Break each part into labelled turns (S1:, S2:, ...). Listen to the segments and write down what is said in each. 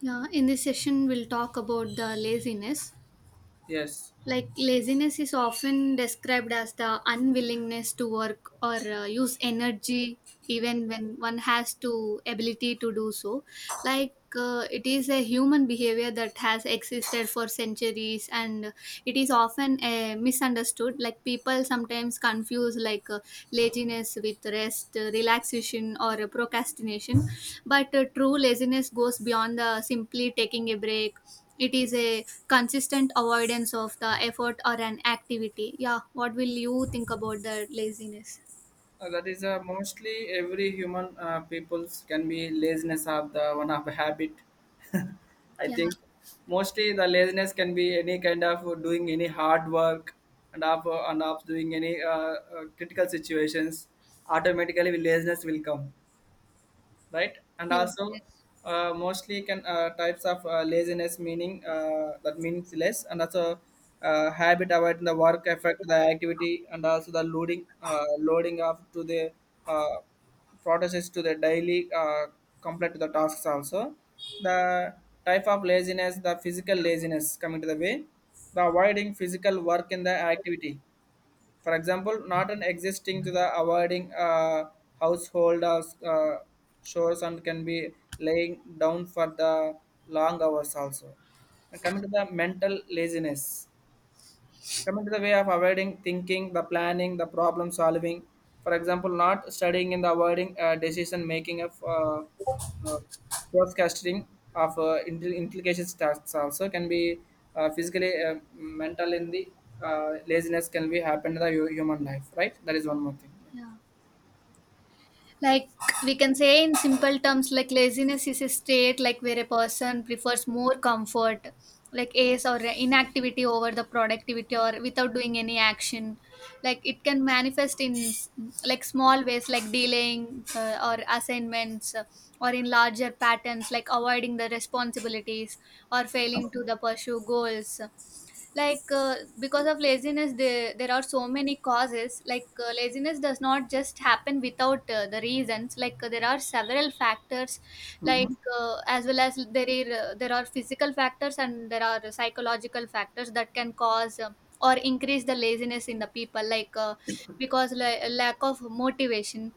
S1: Yeah, in this session, we'll talk about the laziness.
S2: Yes,
S1: Like, laziness is often described as the unwillingness to work or use energy even when one has to ability to do so like it is a human behavior that has existed for centuries and it is often misunderstood like people sometimes confuse like laziness with rest, relaxation, or procrastination, but true laziness goes beyond the simply taking a break. It is a consistent avoidance of the effort or an activity. Yeah, what will you think about the laziness?
S2: that is mostly every human people's can be laziness of the one of the habit. I
S1: Yeah.
S2: think mostly the laziness can be any kind of doing any hard work and of doing any critical situations. Automatically, laziness will come. Right, and
S1: Yeah.
S2: also
S1: Yes.
S2: mostly can types of laziness meaning that means less, and also habit avoid the work effect the activity, and also the loading loading up to the uh, processes to the daily complete to the tasks also, the type of laziness, the physical laziness, coming to the way the avoiding physical work in the activity. For example, not an existing to the avoiding household or uh, chores and can be laying down for the long hours also. And coming to the mental laziness, coming to the way of avoiding thinking, the planning, the problem solving. For example, not studying and avoiding decision making of uh, forecasting of implications tasks also can be physically, mental in the laziness can be happen in the human life, right? That is one more thing.
S1: Yeah, like we can say in simple terms like laziness is a state like where a person prefers more comfort like ace or inactivity over the productivity or without doing any action, like it can manifest in like small ways like delaying or assignments, or in larger patterns like avoiding the responsibilities or failing to the pursue goals. Like because of laziness there are so many causes. Like laziness does not just happen without the reasons. Like there are several factors, like as well as there are physical factors and there are psychological factors that can cause or increase the laziness in the people. Like because lack of motivation,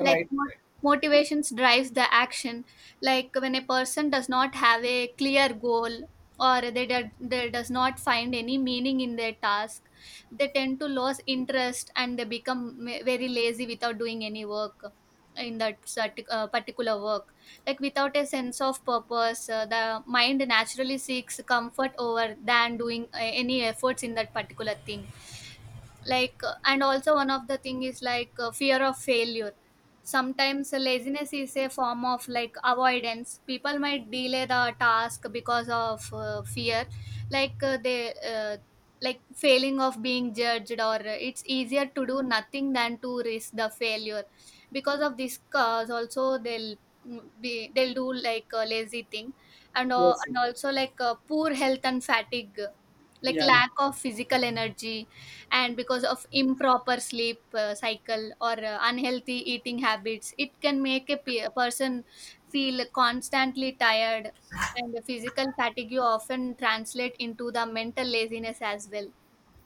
S1: like
S2: Right.
S1: motivations drives the action. Like when a person does not have a clear goal or they, do, they does not find any meaning in their task, they tend to lose interest and they become very lazy without doing any work in that particular work. Like without a sense of purpose, the mind naturally seeks comfort over than doing any efforts in that particular thing. Like and also one of the thing is like fear of failure. Sometimes laziness is a form of like avoidance. People might delay the task because of fear, like they like failing of being judged, or it's easier to do nothing than to risk the failure. Because of this cause also, they'll mm, be they'll do like a lazy thing. and, uh,
S2: Yes.
S1: and also like poor health and fatigue, like
S2: Yeah, yeah.
S1: lack of physical energy, and because of improper sleep cycle or unhealthy eating habits, it can make a, a person feel constantly tired, and the physical fatigue often translate into the mental laziness as well.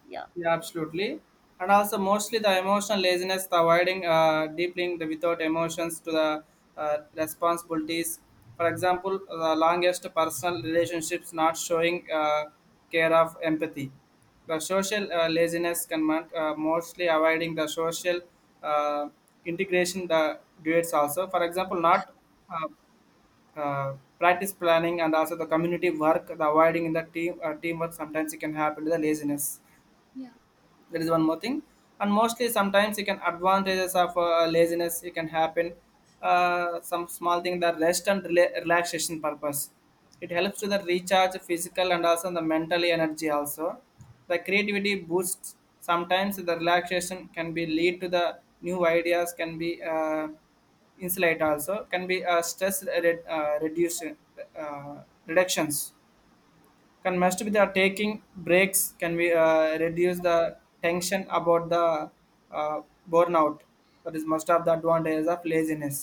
S1: Yeah.
S2: Yeah, absolutely. And also, mostly the emotional laziness, the avoiding deep link the without emotions to the responsibilities. For example, the longest personal relationships not showing care of empathy. The social laziness can mostly avoiding the social uh, integration, the duets also. For example, not uh, uh, practice planning and also the community work, the avoiding in the team teamwork, sometimes it can happen to the laziness.
S1: Yeah.
S2: That is one more thing. And mostly sometimes you can advantages of laziness, it can happen some small thing, the rest and relaxation purpose. It helps to the recharge physical and also the mental energy also, the creativity boosts, sometimes the relaxation can be lead to the new ideas can be insulate, also can be stress reduce reductions, can must be the taking breaks can we reduce the tension about the uh, burnout. That is must have the advantages of laziness.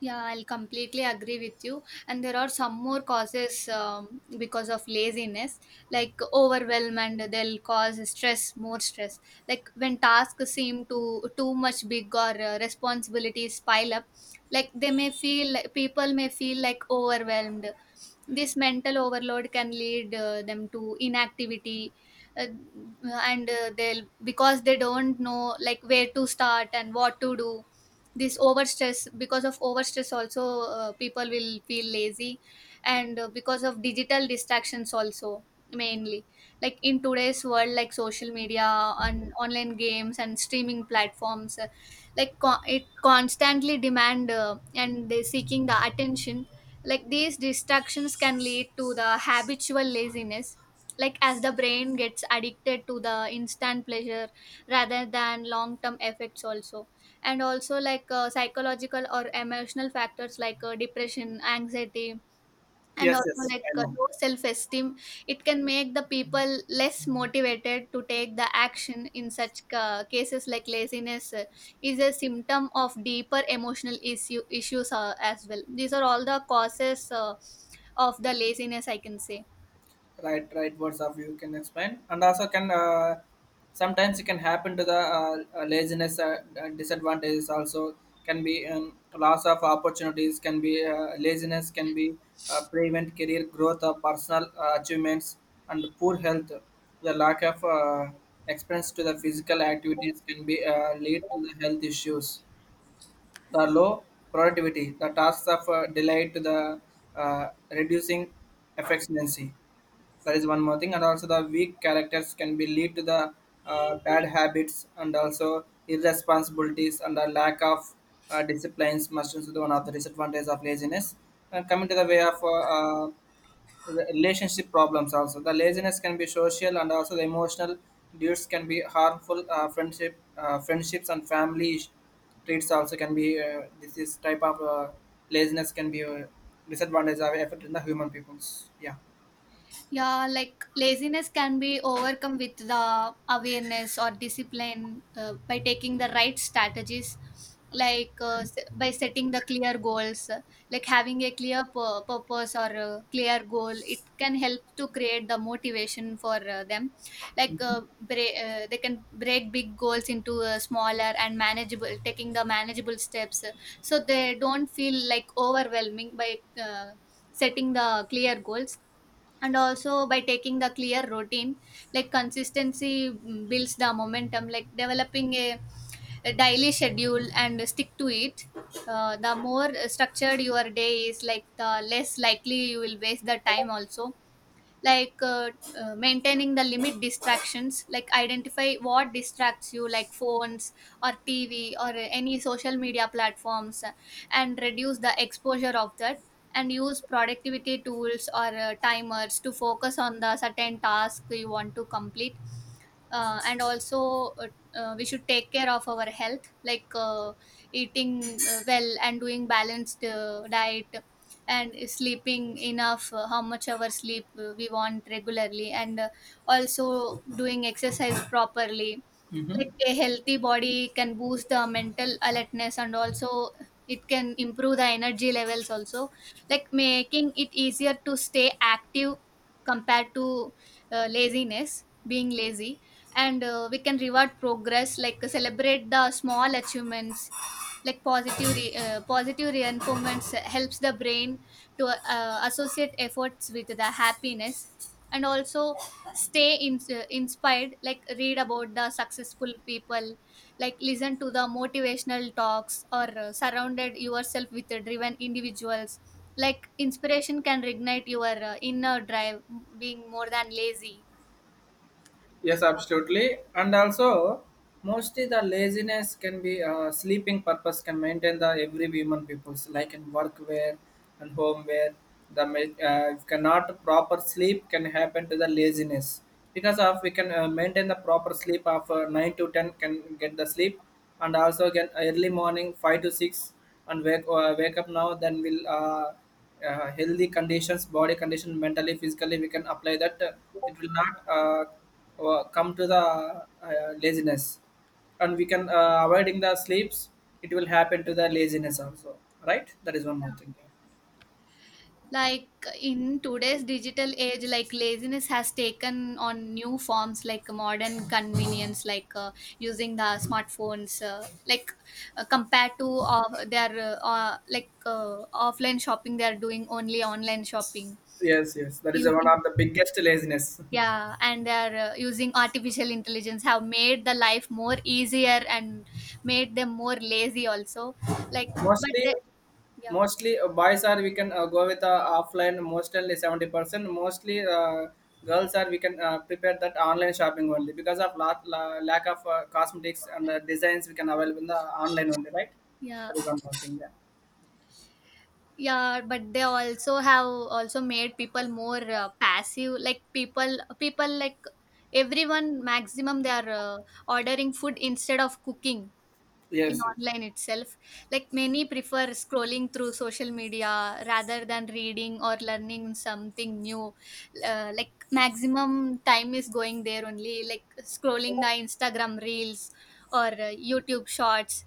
S1: Yeah, I'll completely agree with you. And there are some more causes because of laziness, like overwhelm, and they'll cause stress, more stress. Like when tasks seem too much big or responsibilities pile up, like they may feel like people may feel like overwhelmed. This mental overload can lead them to inactivity, uh, and they'll because they don't know like where to start and what to do. This overstress, because of overstress also, people will feel lazy. And because of digital distractions also mainly, like in today's world like social media and online games and streaming platforms, like it constantly demand and they seeking the attention. Like these distractions can lead to the habitual laziness, like as the brain gets addicted to the instant pleasure rather than long term effects also. And also like psychological or emotional factors like depression, anxiety, and
S2: Yes,
S1: also
S2: yes,
S1: like
S2: I know.
S1: low self-esteem. It can make the people less motivated to take the action. In such cases, like laziness is a symptom of deeper emotional issues as well. These are all the causes of the laziness, I can say.
S2: Right. Right words of you can explain, and also can sometimes it can happen to the laziness disadvantages also, can be loss of opportunities can be laziness can be prevent career growth of personal achievements, and poor health, the lack of experience to the physical activities can be lead to the health issues, the low productivity, the tasks of delay to the reducing efficiency. That is one more thing, and also the weak characters can be lead to the bad habits and also irresponsibilities and the lack of disciplines. Must also the one of the disadvantages of laziness. And coming to the way of relationship problems also, the laziness can be social and also the emotional dudes can be harmful. Friendships, and family traits also can be. This is type of laziness can be a disadvantage of effect in the human peoples. Yeah.
S1: Yeah, like laziness can be overcome with the awareness or discipline by taking the right strategies, like by setting the clear goals, like having a clear purpose or a clear goal. It can help to create the motivation for them. Like they can break big goals into smaller and manageable, taking the manageable steps, so they don't feel like overwhelming by setting the clear goals, and also by taking the clear routine. Like consistency builds the momentum, like developing a daily schedule and stick to it. Uh, the more structured your day is, like the less likely you will waste the time also. Like maintaining the limit distractions, like identify what distracts you like phones or TV or any social media platforms, and reduce the exposure of that, and use productivity tools or timers to focus on the certain task you want to complete. And also, we should take care of our health, like eating well and doing balanced diet, and sleeping enough, how much our sleep we want regularly, and also doing exercise properly.
S2: Mm-hmm.
S1: Like a healthy body can boost the mental alertness, and also it can improve the energy levels also, like making it easier to stay active compared to laziness being lazy. And we can reward progress, like celebrate the small achievements. Like positive reinforcements helps the brain to associate efforts with the happiness. And also stay inspired, like read about the successful people, like listen to the motivational talks, or surrounded yourself with driven individuals. Like inspiration can reignite your inner drive, being more than lazy.
S2: Yes, absolutely. And also, mostly the laziness can be sleeping purpose can maintain the every human people's, like in workwear and home wear. The if cannot proper sleep can happen to the laziness, because of we can maintain the proper sleep of 9 to 10 can get the sleep, and also get early morning 5 to 6 and wake up now, then we'll healthy conditions, body condition, mentally, physically, we can apply that. It will not come to the laziness, and we can avoiding the sleeps. It will happen to the laziness also, right? That is one more thing.
S1: Like in today's digital age, like laziness has taken on new forms like modern convenience, like using the smartphones, like compared to their like offline shopping they are doing only online shopping,
S2: Yes, yes, that is one of
S1: using.
S2: the biggest laziness.
S1: Yeah, and they are using artificial intelligence, have made the life more easier and made them more lazy also. Like but
S2: Mostly
S1: they, yeah.
S2: Mostly, boys are we can go with offline mostly 70%. Mostly girls are we can prepare that online shopping only, because of lack of cosmetics and designs we can available in the online only, right?
S1: Yeah,
S2: That is one more thing. Yeah.
S1: yeah, but they also have also made people more passive, like people like everyone maximum they are ordering food instead of cooking in
S2: Yes, yes.
S1: online itself. Like many prefer scrolling through social media rather than reading or learning something new. Like maximum time is going there only, like scrolling the Instagram reels or YouTube shorts.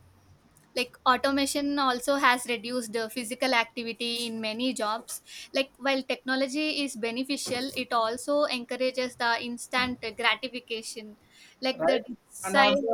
S1: Like automation also has reduced the physical activity in many jobs. Like while technology is beneficial, it also encourages the instant gratification, like the
S2: Right, and
S1: desire.
S2: also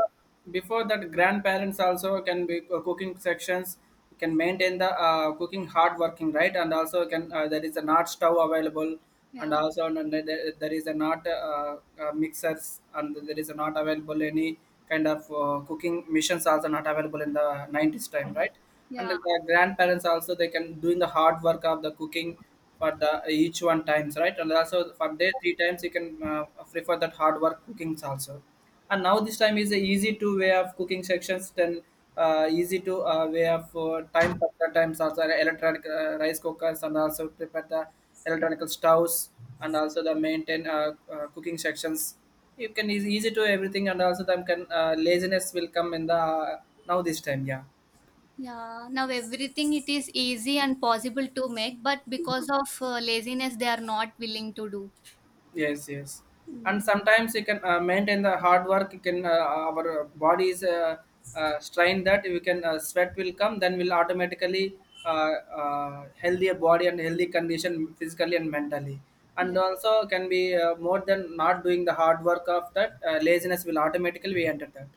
S2: before that grandparents also can be cooking sections can maintain the cooking hard working, right? And also can there is a not stove available, and
S1: Yeah.
S2: also there is a not mixers, and there is a not available any kind of cooking missions also not available in the 90s time, right? And the
S1: Yeah.
S2: grandparents also they can doing the hard work of the cooking for the each one times, right? And also for day 3 times you can prefer that hard work cookings also. And now this time is a easy to way of cooking sections, then easy to way of time factor times also, electronic rice cookers, and also prepare the electronic stoves and also the maintain cooking sections, you can is easy to everything, and also them can laziness will come in the now this time. Yeah.
S1: Yeah, now everything it is easy and possible to make, but because of laziness they are not willing to do.
S2: Yes, yes. And
S1: Mm.
S2: sometimes you can maintain the hard work. You can our bodies strain that we can sweat will come. Then we'll automatically uh, healthier body and healthy condition physically and mentally. And
S1: Yeah.
S2: also can be more than not doing the hard work of that laziness will automatically be enter that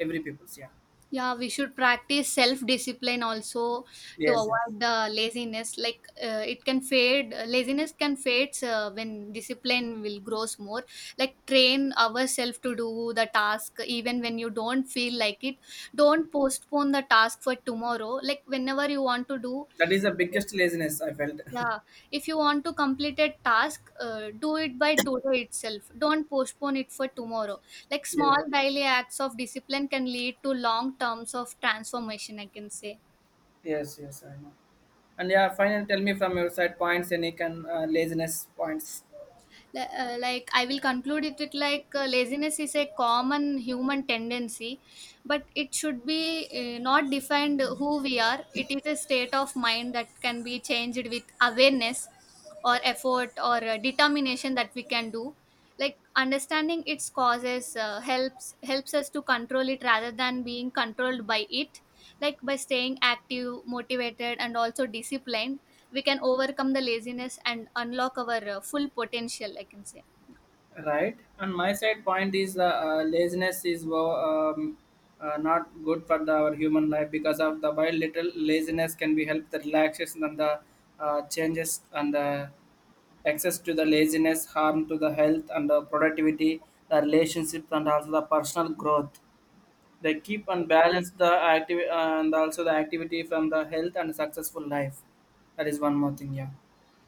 S2: every people's. Yeah.
S1: Yeah, we should practice self discipline also to
S2: Yes, yes.
S1: avoid the laziness. Like it can fade, laziness can fade when discipline will grows more. Like train ourselves to do the task even when you don't feel like it. Don't postpone the task for tomorrow. Like whenever you want to do,
S2: That is the biggest laziness I felt.
S1: yeah, if you want to complete a task, do it by today itself. Don't postpone it for tomorrow. Like small
S2: Yes.
S1: daily acts of discipline can lead to long terms of transformation, I can say.
S2: Yes, yes, I know. And yeah, finally, tell me from your side points, Enik, and laziness points.
S1: Like I will conclude it with like laziness is a common human tendency, but it should be not defined who we are. It is a state of mind that can be changed with awareness or effort or determination that we can do. Like understanding its causes helps us to control it rather than being controlled by it. Like by staying active, motivated, and also disciplined, we can overcome the laziness and unlock our full potential, I can say.
S2: Right. And my side point is the laziness is not good for the, our human life, because of the while little laziness can be help the relaxation and the changes, and the access to the laziness harm to the health and the productivity, the relationships, and also the personal growth. They keep and balance the activity, and also the activity from the health and successful life. That is one more thing. Yeah,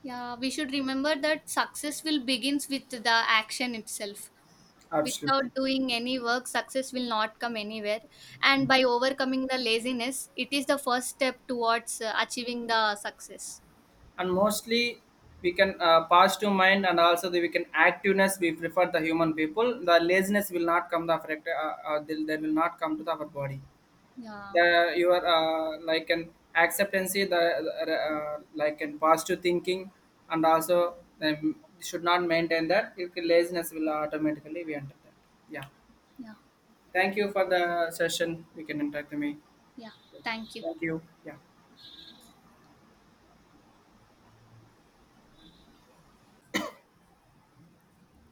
S1: Yeah, we should remember that success will begins with the action itself. Without
S2: absolutely.
S1: doing any work, success will not come anywhere. And by overcoming the laziness, it is the first step towards achieving the success.
S2: And mostly we can pass to mind, and also the, we can activeness. We prefer the human people. The laziness will not come the affect. They will not come to the, our body.
S1: Yeah.
S2: The your like an acceptancy. The like an positive thinking, and also should not maintain that. If laziness will automatically be enter that. Yeah.
S1: Yeah.
S2: Thank you for the session. You can interact with me.
S1: Yeah, thank you.
S2: Thank you. Yeah.